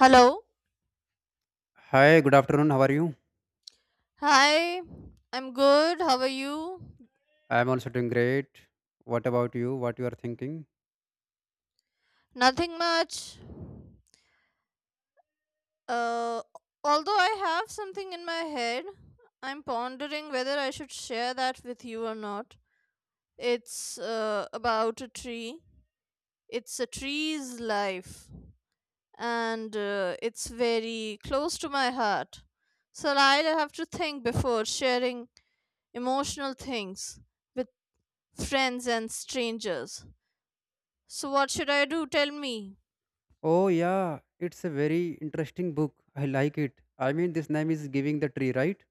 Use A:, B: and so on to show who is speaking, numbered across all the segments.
A: Hello.
B: Hi, good afternoon. How are you?
A: Hi. I'm good. How are you?
B: I'm also doing great. What about you? What you are thinking?
A: Nothing much. Uh, although I have something in my head, I'm pondering whether I should share that with you or not. It's about a tree. It's a tree's life, and it's very close to my heart. So I'll have to think before sharing emotional things with friends and strangers. So, what should I do? Tell me.
B: Oh yeah, it's a very interesting book. I like it. I mean, this name is Giving the Tree, right?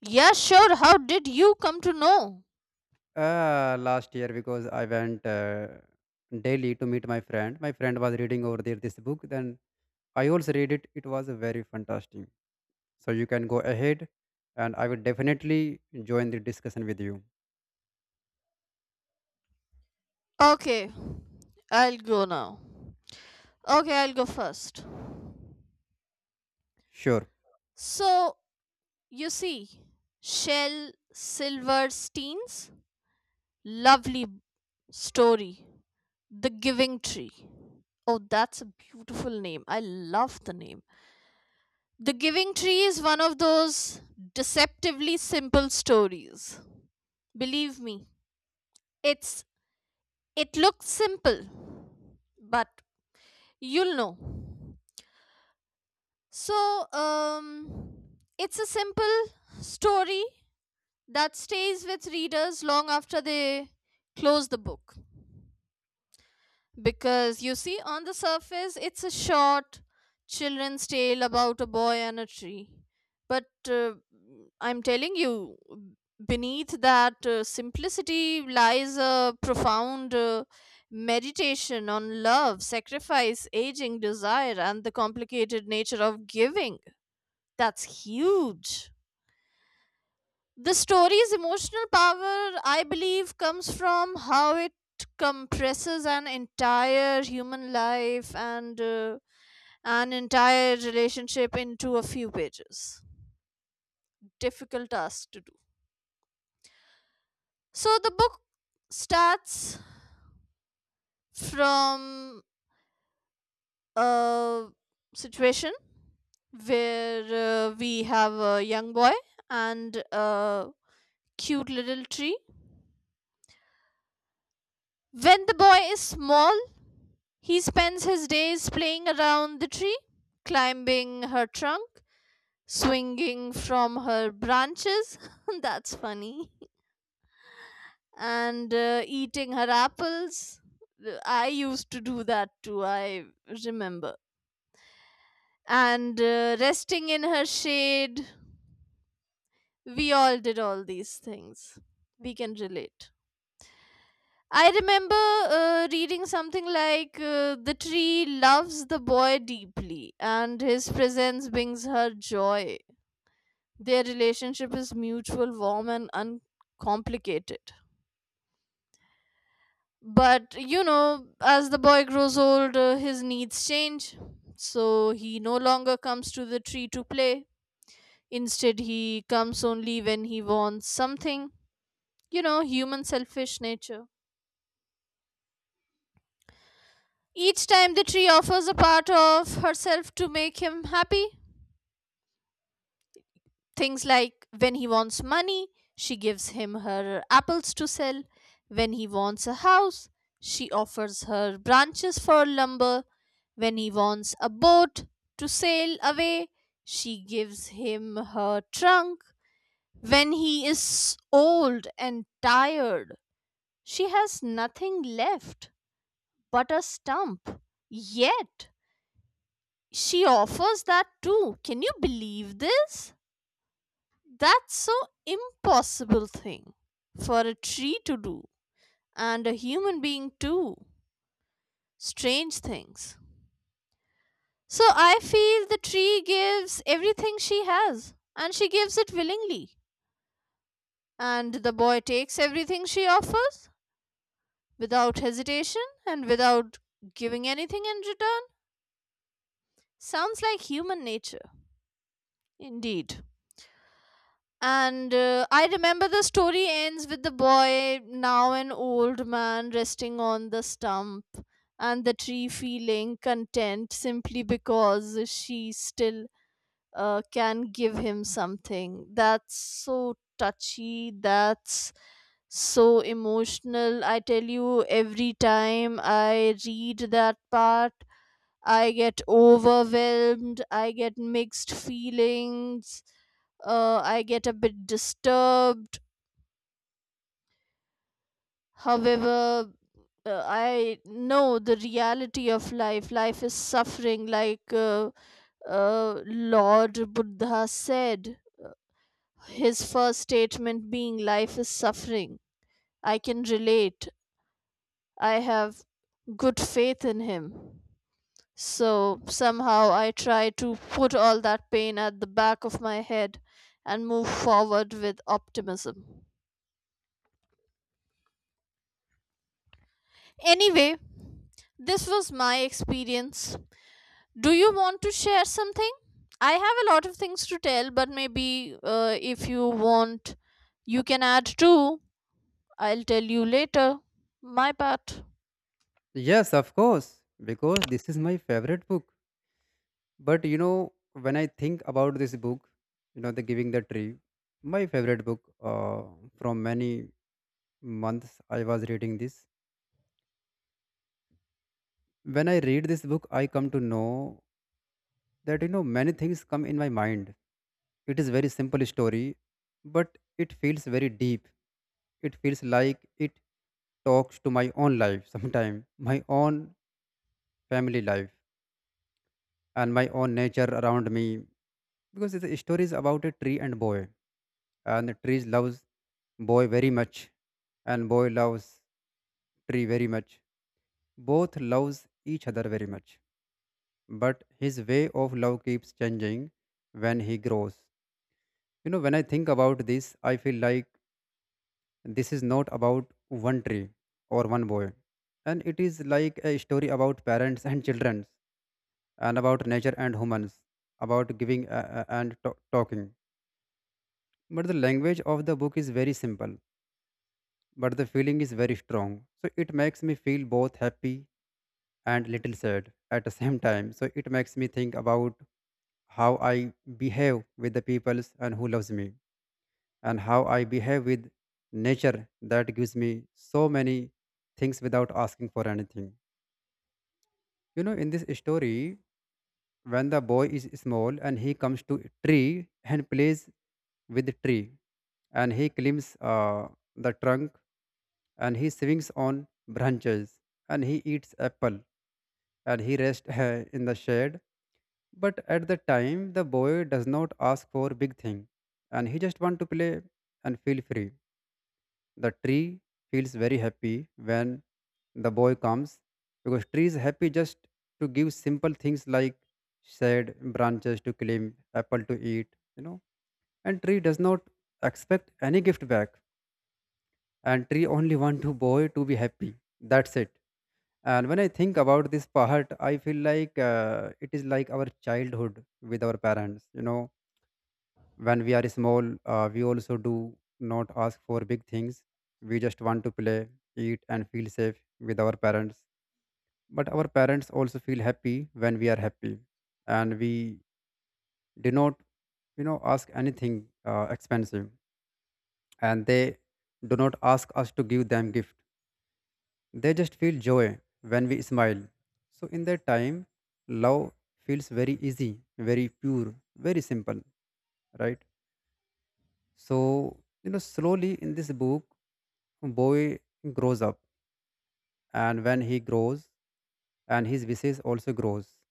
A: Yeah, sure. How did you come to know?
B: Last year because I went daily to meet my friend. My friend was reading over there this book. Then I also read it. It was very fantastic. So you can go ahead, and I will definitely join the discussion with you.
A: Okay, I'll go now. Okay, I'll go first.
B: Sure.
A: So, you see, Shel Silverstein's lovely story, The Giving Tree. Oh, that's a beautiful name. I love the name. The Giving Tree is one of those deceptively simple stories. Believe me, it's it looks simple, but you'll know. So, it's a simple story that stays with readers long after they close the book. Because you see, on the surface, it's a short children's tale about a boy and a tree. But I'm telling you, beneath that simplicity lies a profound meditation on love, sacrifice, aging, desire, and the complicated nature of giving that's huge. The story's emotional power, I believe, comes from how it compresses an entire human life and an entire relationship into a few pages. Difficult task to do. So the book starts from a situation where we have a young boy and a cute little tree. When the boy is small, he spends his days playing around the tree, climbing her trunk, swinging from her branches. That's funny. And eating her apples. I used to do that too, I remember. And resting in her shade. We all did all these things. We can relate. I remember reading something like the tree loves the boy deeply, and his presence brings her joy. Their relationship is mutual, warm, and uncomplicated. But you know, as the boy grows old, his needs change. So he no longer comes to the tree to play. Instead, he comes only when he wants something. You know, human selfish nature. Each time the tree offers a part of herself to make him happy. Things like when he wants money, she gives him her apples to sell. When he wants a house, she offers her branches for lumber. When he wants a boat to sail away, she gives him her trunk. When he is old and tired, she has nothing left but a stump. Yet, she offers that too. Can you believe this? That's so impossible thing for a tree to do and a human being too. Strange things. So I feel the tree gives everything she has and she gives it willingly. And the boy takes everything she offers without hesitation and without giving anything in return. Sounds like human nature. Indeed. And I remember the story ends with the boy, now an old man, resting on the stump and the tree feeling content simply because she still can give him something. That's so touchy. That's so emotional. I tell you, every time I read that part, I get overwhelmed, I get mixed feelings, I get a bit disturbed. However, I know the reality of life. Life is suffering, like Lord Buddha said, his first statement being, life is suffering. I can relate. I have good faith in him. So somehow I try to put all that pain at the back of my head and move forward with optimism. Anyway, this was my experience. Do you want to share something? I have a lot of things to tell, but maybe if you want, you can add too. I'll tell you later. My part.
B: Yes, of course, because this is my favorite book. But you know, when I think about this book, you know, The Giving the Tree, my favorite book from many months I was reading this. When I read this book, I come to know that, you know, many things come in my mind. It is very simple story, but it feels very deep. It feels like it talks to my own life sometime, my own family life, and my own nature around me. Because the story is about a tree and boy, and the trees loves boy very much, and boy loves tree very much. Both loves each other very much, but his way of love keeps changing when he grows. You know, when I think about this, I feel like this is not about one tree or one boy, and it is like a story about parents and children, and about nature and humans, about giving and talking. But the language of the book is very simple, but the feeling is very strong. So it makes me feel both happy and little sad at the same time. So it makes me think about how I behave with the peoples and who loves me, and how I behave with nature that gives me so many things without asking for anything. You know, in this story, when the boy is small and he comes to a tree and plays with the tree, and he climbs the trunk, and he swings on branches, and he eats apple, and he rests in the shade. But at the time the boy does not ask for big thing, and he just want to play and feel free. The tree feels very happy when the boy comes, because tree is happy just to give simple things like shade, branches to climb, apple to eat, you know. And tree does not expect any gift back, and tree only want to boy to be happy. That's it. And when I think about this part, I feel like it is like our childhood with our parents. You know, when we are small, we also do not ask for big things. We just want to play, eat, and feel safe with our parents. But our parents also feel happy when we are happy. And we do not, ask anything expensive. And they do not ask us to give them gift. They just feel joy when we smile. So, in that time, love feels very easy, very pure, very simple, right? So, slowly in this book, boy grows up, and when he grows, and his wishes also grows.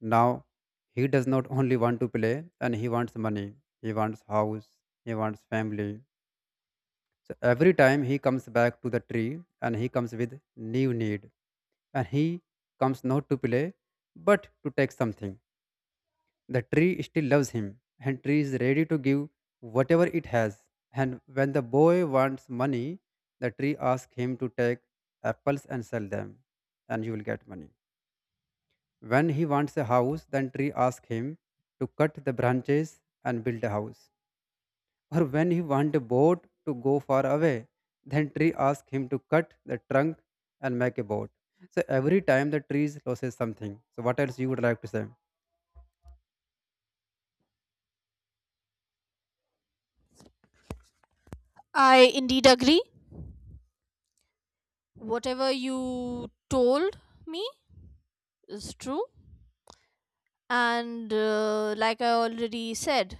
B: Now, he does not only want to play, and he wants money, he wants house, he wants family. So every time he comes back to the tree, and he comes with new need, and he comes not to play but to take something. The tree still loves him, and tree is ready to give whatever it has. And when the boy wants money, the tree asks him to take apples and sell them and you will get money. When he wants a house, then tree asks him to cut the branches and build a house. Or when he wanted a boat to go far away, then tree asked him to cut the trunk and make a boat. So every time the trees loses something. So what else you would like to say?
A: I indeed agree. Whatever you told me is true. And like I already said,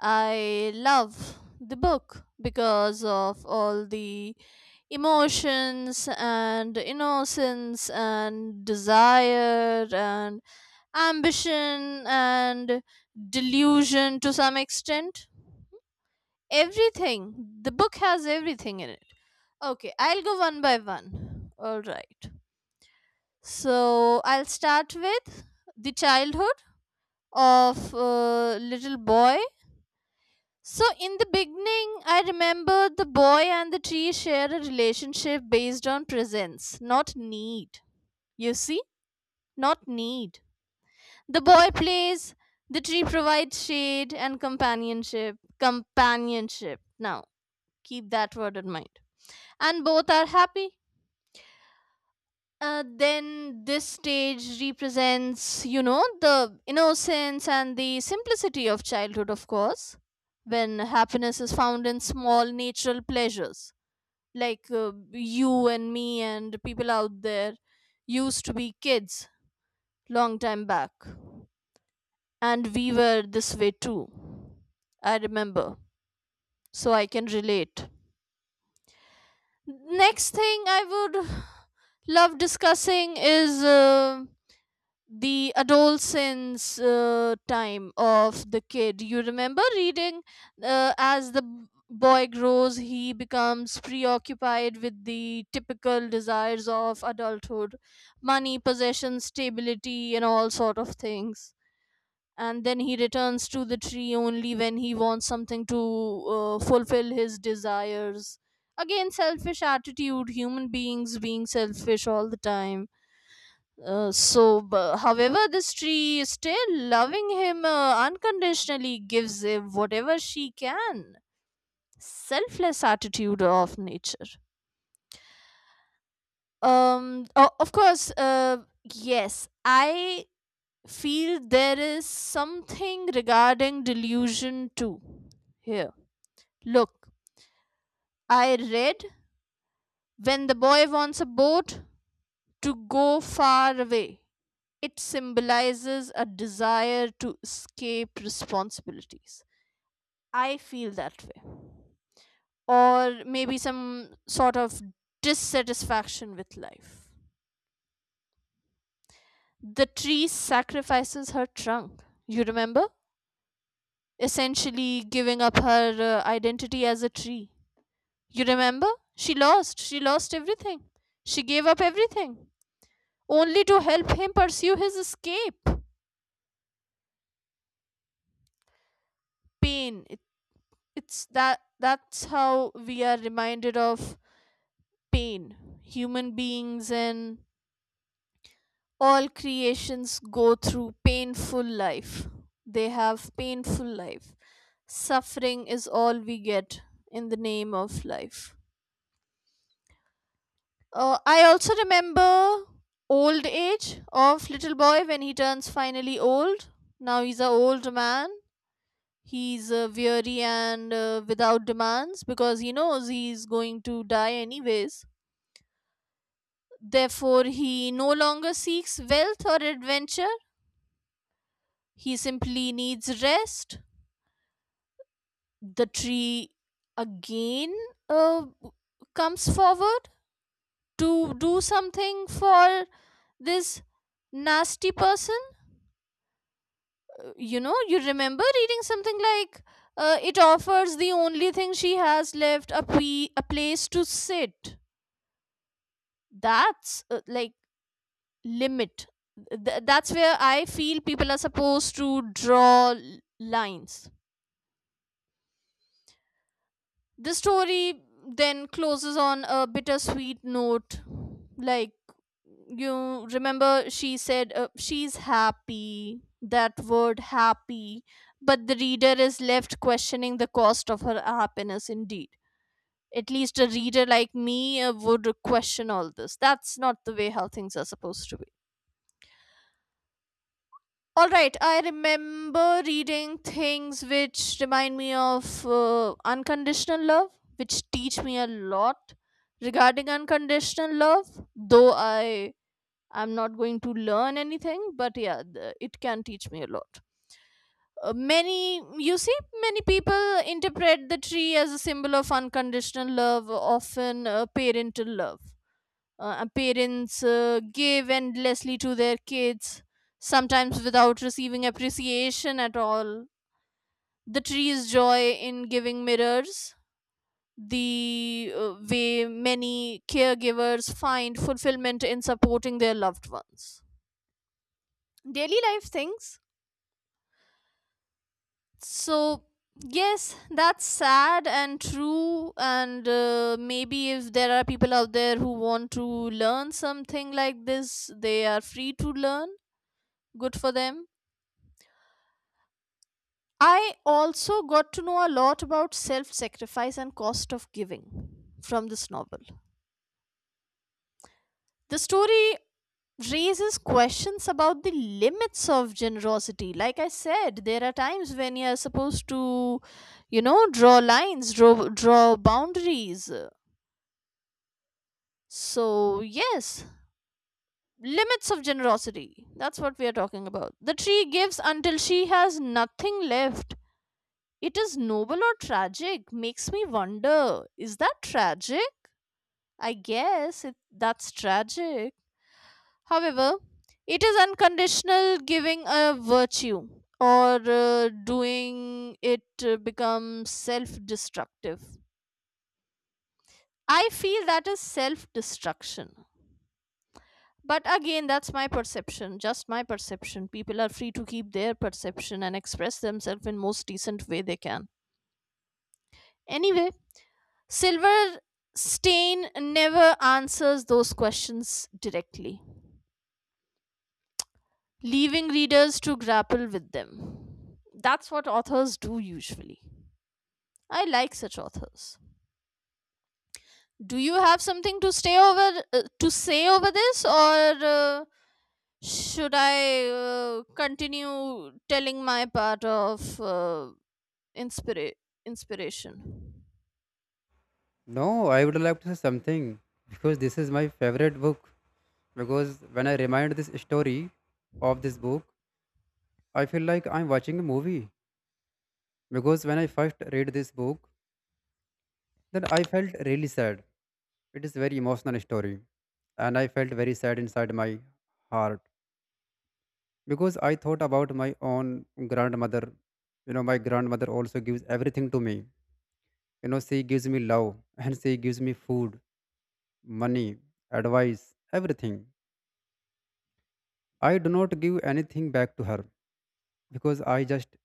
A: I love the book because of all the emotions and innocence and desire and ambition and delusion to some extent, everything. The book has everything in it. Okay, I'll go one by one. All right, so I'll start with the childhood of little boy. So, in the beginning, I remember the boy and the tree share a relationship based on presence, not need. You see, not need. The boy plays, the tree provides shade and companionship. Companionship. Now, keep that word in mind. And both are happy. Then this stage represents, you know, the innocence and the simplicity of childhood, of course, when happiness is found in small natural pleasures, like you and me and people out there used to be kids long time back, and we were this way too. I remember, so I can relate. Next thing I would love discussing is the adolescence time of the kid. You remember reading as the boy grows, he becomes preoccupied with the typical desires of adulthood, money, possession, stability, and all sort of things. And then he returns to the tree only when he wants something to fulfill his desires. Again, selfish attitude, human beings being selfish all the time. However, this tree still loving him unconditionally gives him whatever she can. Selfless attitude of nature. Of course, yes, I feel there is something regarding delusion too. Here, look, I read when the boy wants a boat to go far away, it symbolizes a desire to escape responsibilities. I feel that way. Or maybe some sort of dissatisfaction with life. The tree sacrifices her trunk, you remember? Essentially giving up her identity as a tree. You remember? She lost everything. She gave up everything only to help him pursue his escape. Pain. It's that that's how we are reminded of pain. Human beings and all creations go through painful life. They have painful life. Suffering is all we get in the name of life. I also remember old age of little boy when he turns finally old. Now he's an old man. He's weary and without demands, because he knows he's going to die anyways. Therefore he no longer seeks wealth or adventure. He simply needs rest. The tree again uh, comes forward to do something for this nasty person. You know, you remember reading something like it offers the only thing she has left, a, a place to sit. That's like limit. That's where I feel people are supposed to draw lines. The story then closes on a bittersweet note. Like, you remember she said she's happy, that word happy, but the reader is left questioning the cost of her happiness indeed. At least a reader like me would question all this. That's not the way how things are supposed to be. All right, I remember reading things which remind me of unconditional love, which teach me a lot regarding unconditional love, though I am not going to learn anything, but yeah, it can teach me a lot. Many, you see, many people interpret the tree as a symbol of unconditional love, often parental love. Parents give endlessly to their kids, sometimes without receiving appreciation at all. The tree's joy in giving mirrors, the way many caregivers find fulfillment in supporting their loved ones. Daily life things. So, yes, that's sad and true. And maybe if there are people out there who want to learn something like this, they are free to learn. Good for them. I also got to know a lot about self sacrifice and cost of giving from this novel. The story raises questions about the limits of generosity. Like I said, there are times when you're supposed to, you know, draw lines, draw boundaries. So, yes, limits of generosity. That's what we are talking about. The tree gives until she has nothing left. It is noble or tragic, makes me wonder, is that tragic? That's tragic. However, it is unconditional giving a virtue or doing it becomes self destructive. I feel that is self destruction. But again, that's my perception, just my perception. People are free to keep their perception and express themselves in most decent way they can. Anyway, Silver Stain never answers those questions directly, leaving readers to grapple with them. That's what authors do usually. I like such authors. Do you have something to stay over to say over this, or uh, should I continue telling my part of inspira- inspiration?
B: No, I would like to say something because this is my favorite book. Because when I remind this story of this book, I feel like I'm watching a movie. Because when I first read this book, then I felt really sad. It is very emotional story, and I felt very sad inside my heart because I thought about my own grandmother. You know, my grandmother also gives everything to me. You know, she gives me love and she gives me food, money, advice, everything. I do not give anything back to her because I just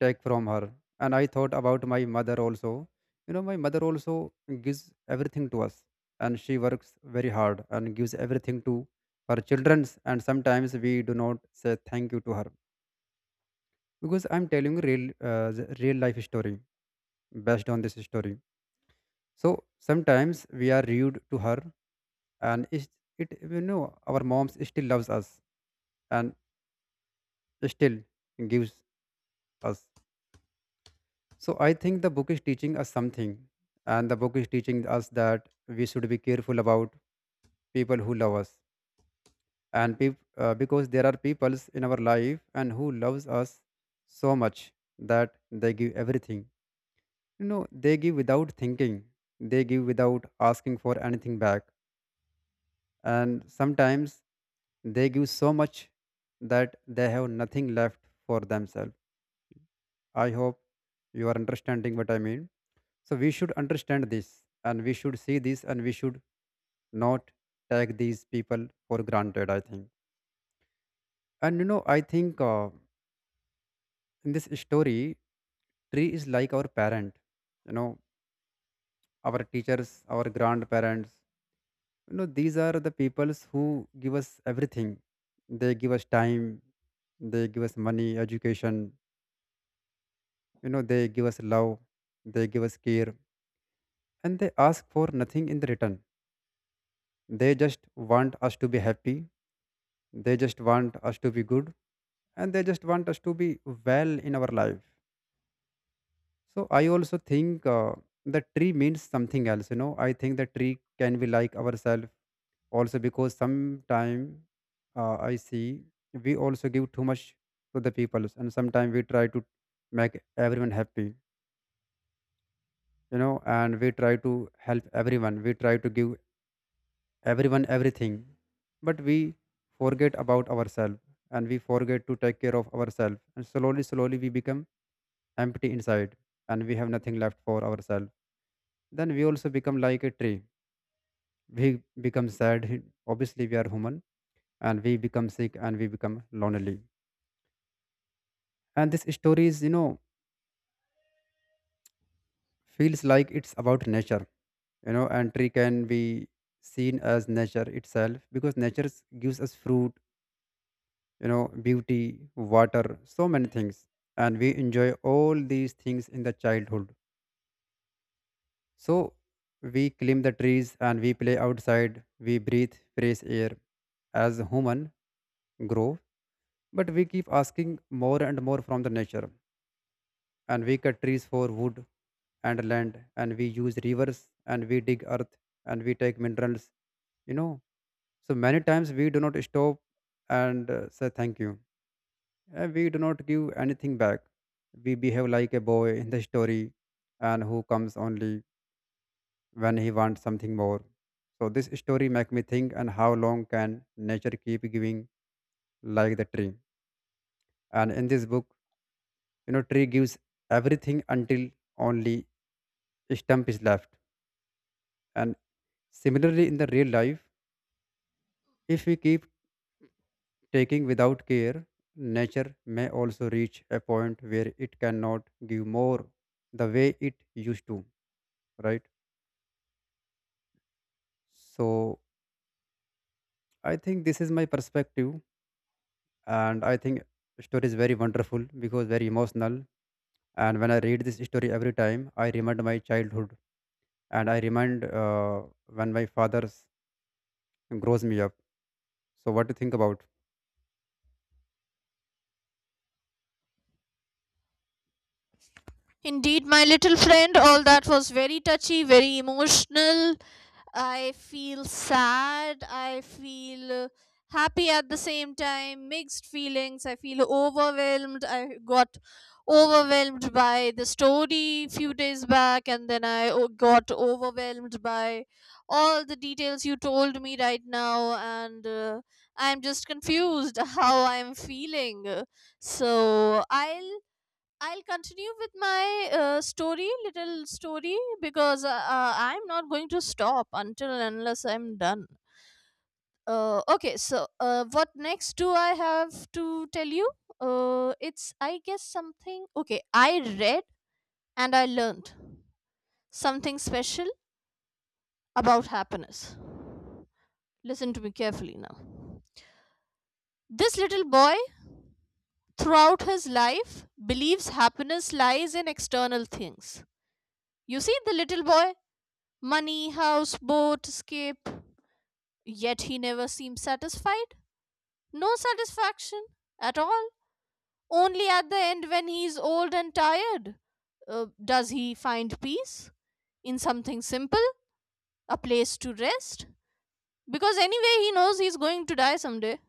B: take from her. And I thought about my mother also. You know, my mother also gives everything to us, and she works very hard and gives everything to her children. And sometimes we do not say thank you to her, because I'm telling you real the real life story based on this story. So sometimes we are rude to her, and it our moms still loves us and still gives us. So I think the book is teaching us something, and the book is teaching us that we should be careful about people who love us, and because there are peoples in our life and who loves us so much that they give everything. You know, they give without thinking, they give without asking for anything back. And sometimes they give so much that they have nothing left for themselves. I hope you are understanding what I mean. So we should understand this, and we should see this, and we should not take these people for granted, I think. And you know, I think in this story, tree is like our parent, you know, our teachers, our grandparents. You know, these are the peoples who give us everything. They give us time, they give us money, education, you know, they give us love, they give us care, and they ask for nothing in the return. They just want us to be happy, they just want us to be good, and they just want us to be well in our life. So I also think the tree means something else. You know, I think the tree can be like ourselves also, because sometime I see we also give too much to the people. And sometimes we try to make everyone happy, you know, and we try to help everyone, we try to give everyone everything, but we forget about ourselves, and we forget to take care of ourselves, and slowly slowly we become empty inside, and we have nothing left for ourselves. Then we also become like a tree. We become sad, obviously we are human, and we become sick, and we become lonely. And this story is you know feels like it's about nature. You know, and tree can be seen as nature itself, because nature gives us fruit, you know, beauty, water, so many things. And we enjoy all these things in the childhood. So we climb the trees, and we play outside, we breathe fresh air as human grow. But we keep asking more and more from the nature, and we cut trees for wood and land, and we use rivers, and we dig earth, and we take minerals, you know. So many times we do not stop and say thank you. We do not give anything back. We behave like a boy in the story, and who comes only when he wants something more. So this story make me think, and how long can nature keep giving like the tree? And in this book, you know, tree gives everything until only stump is left. And similarly, in the real life, if we keep taking without care, nature may also reach a point where it cannot give more the way it used to, right? So, I think this is my perspective, and I think story is very wonderful because very emotional. And when I read this story every time, I remind my childhood, and I remind when my father's grows me up. So, what do you think about?
A: Indeed, my little friend, all that was very touchy, very emotional, I feel sad, I feel happy at the same time, mixed feelings. I feel overwhelmed. I got overwhelmed by the story few days back and then I got overwhelmed by all the details you told me right now and I'm just confused how I'm feeling. So, I'll continue with my story, little story, because I'm not going to stop until and unless I'm done. What next do I have to tell you? It's, I guess, something. Okay, I read and I learned something special about happiness. Listen to me carefully now. This little boy, throughout his life, believes happiness lies in external things. You see, the little boy money, house, boat, escape. Yet he never seems satisfied. No satisfaction at all. Only at the end, when he is old and tired, does he find peace in something simple, a place to rest? Because anyway, he knows he's going to die someday.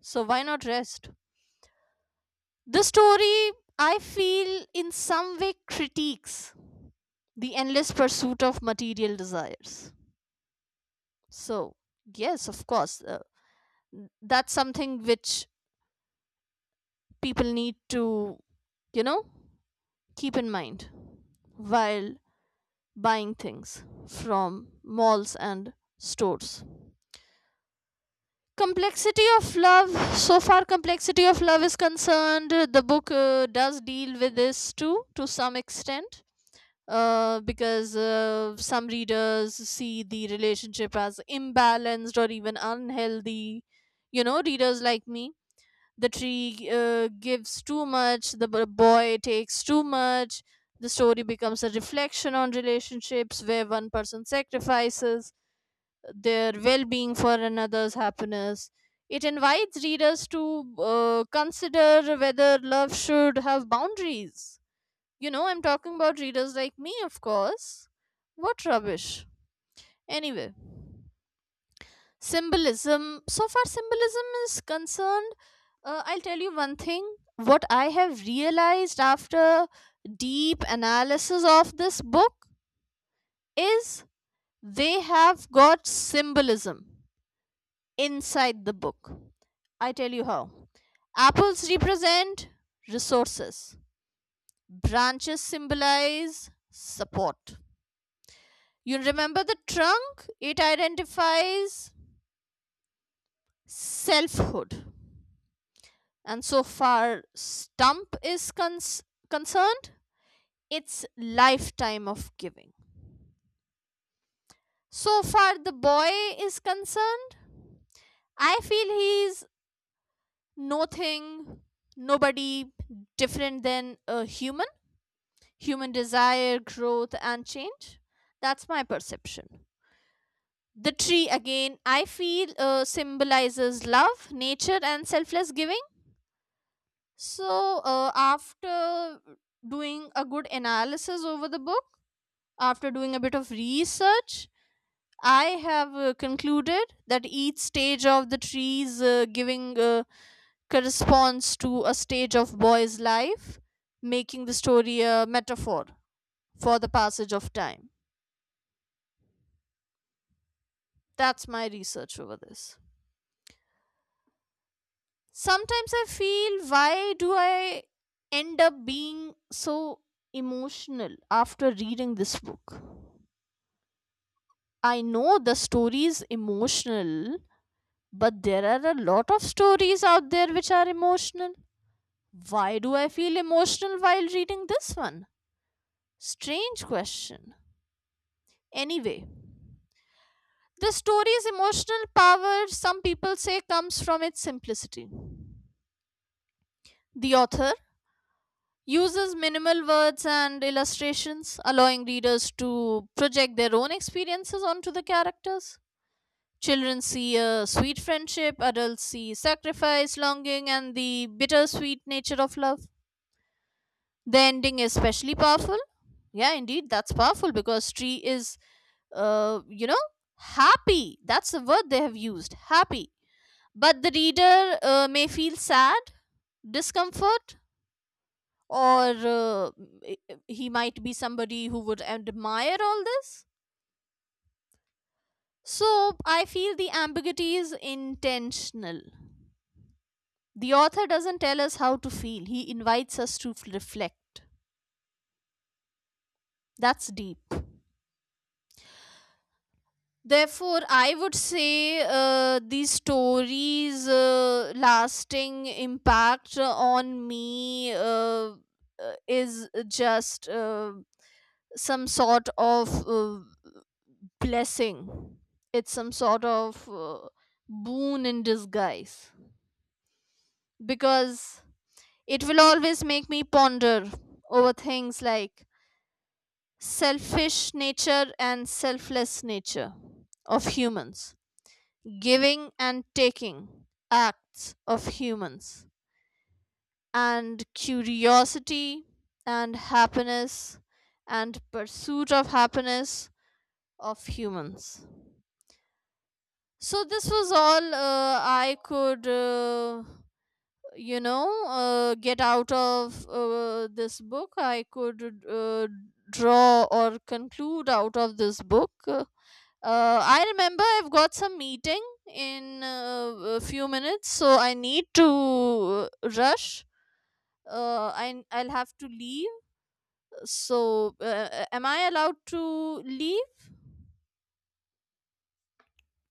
A: So why not rest? The story, I feel, in some way critiques the endless pursuit of material desires. So, yes, of course, that's something which people need to you know keep in mind while buying things from malls and stores. Complexity of love. So far complexity of love is concerned, the book does deal with this too to some extent, because some readers see the relationship as imbalanced or even unhealthy, you know, readers like me. The tree gives too much, the boy takes too much. The story becomes a reflection on relationships where one person sacrifices their well-being for another's happiness. It invites readers to consider whether love should have boundaries. You know, I'm talking about readers like me, of course. What rubbish. Anyway, symbolism. So far symbolism is concerned, I'll tell you one thing. What I have realized after deep analysis of this book is they have got symbolism inside the book. I tell you how. Apples represent resources, branches symbolize support. You remember the trunk, it identifies selfhood. And so far Stump is concerned, it's lifetime of giving. So far the boy is concerned, I feel he's nothing, nobody different than a human, human desire, growth, and change. That's my perception. The tree, again, I feel symbolizes love, nature, and selfless giving. So, after doing a good analysis over the book, after doing a bit of research, I have concluded that each stage of the tree's giving corresponds to a stage of boy's life, making the story a metaphor for the passage of time. That's my research over this. Sometimes I feel, why do I end up being so emotional after reading this book? I know the story is emotional, but there are a lot of stories out there which are emotional. Why do I feel emotional while reading this one? Strange question. Anyway, the story's emotional power, some people say, comes from its simplicity. The author uses minimal words and illustrations, allowing readers to project their own experiences onto the characters. Children see a sweet friendship, adults see sacrifice, longing, and the bittersweet nature of love. The ending is especially powerful. Yeah, indeed, that's powerful because tree is, uh, you know, happy, that's the word they have used, happy, but the reader may feel sad, discomfort, or uh, he might be somebody who would admire all this. So I feel the ambiguity is intentional. The author doesn't tell us how to feel, he invites us to reflect. That's deep. Therefore, I would say these stories' lasting impact on me is just some sort of blessing. It's some sort of boon in disguise because it will always make me ponder over things like selfish nature and selfless nature of humans, giving and taking acts of humans, and curiosity and happiness and pursuit of happiness of humans. So, this was all I could, get out of this book. I could draw or conclude out of this book. I remember I've got some meeting in a few minutes, so I need to rush. I'll have to leave. So, am I allowed to leave?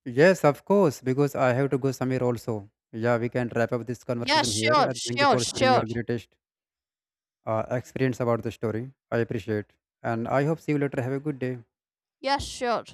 B: Yes, of course, because I have to go somewhere also. Yeah, we can wrap up this
A: Yeah,
B: conversation here.
A: sure,
B: And thank you
A: sure,
B: for sharing your
A: sure.
B: greatest experience about the story. I appreciate. And I hope see you later. Have a good day.
A: Yeah, sure.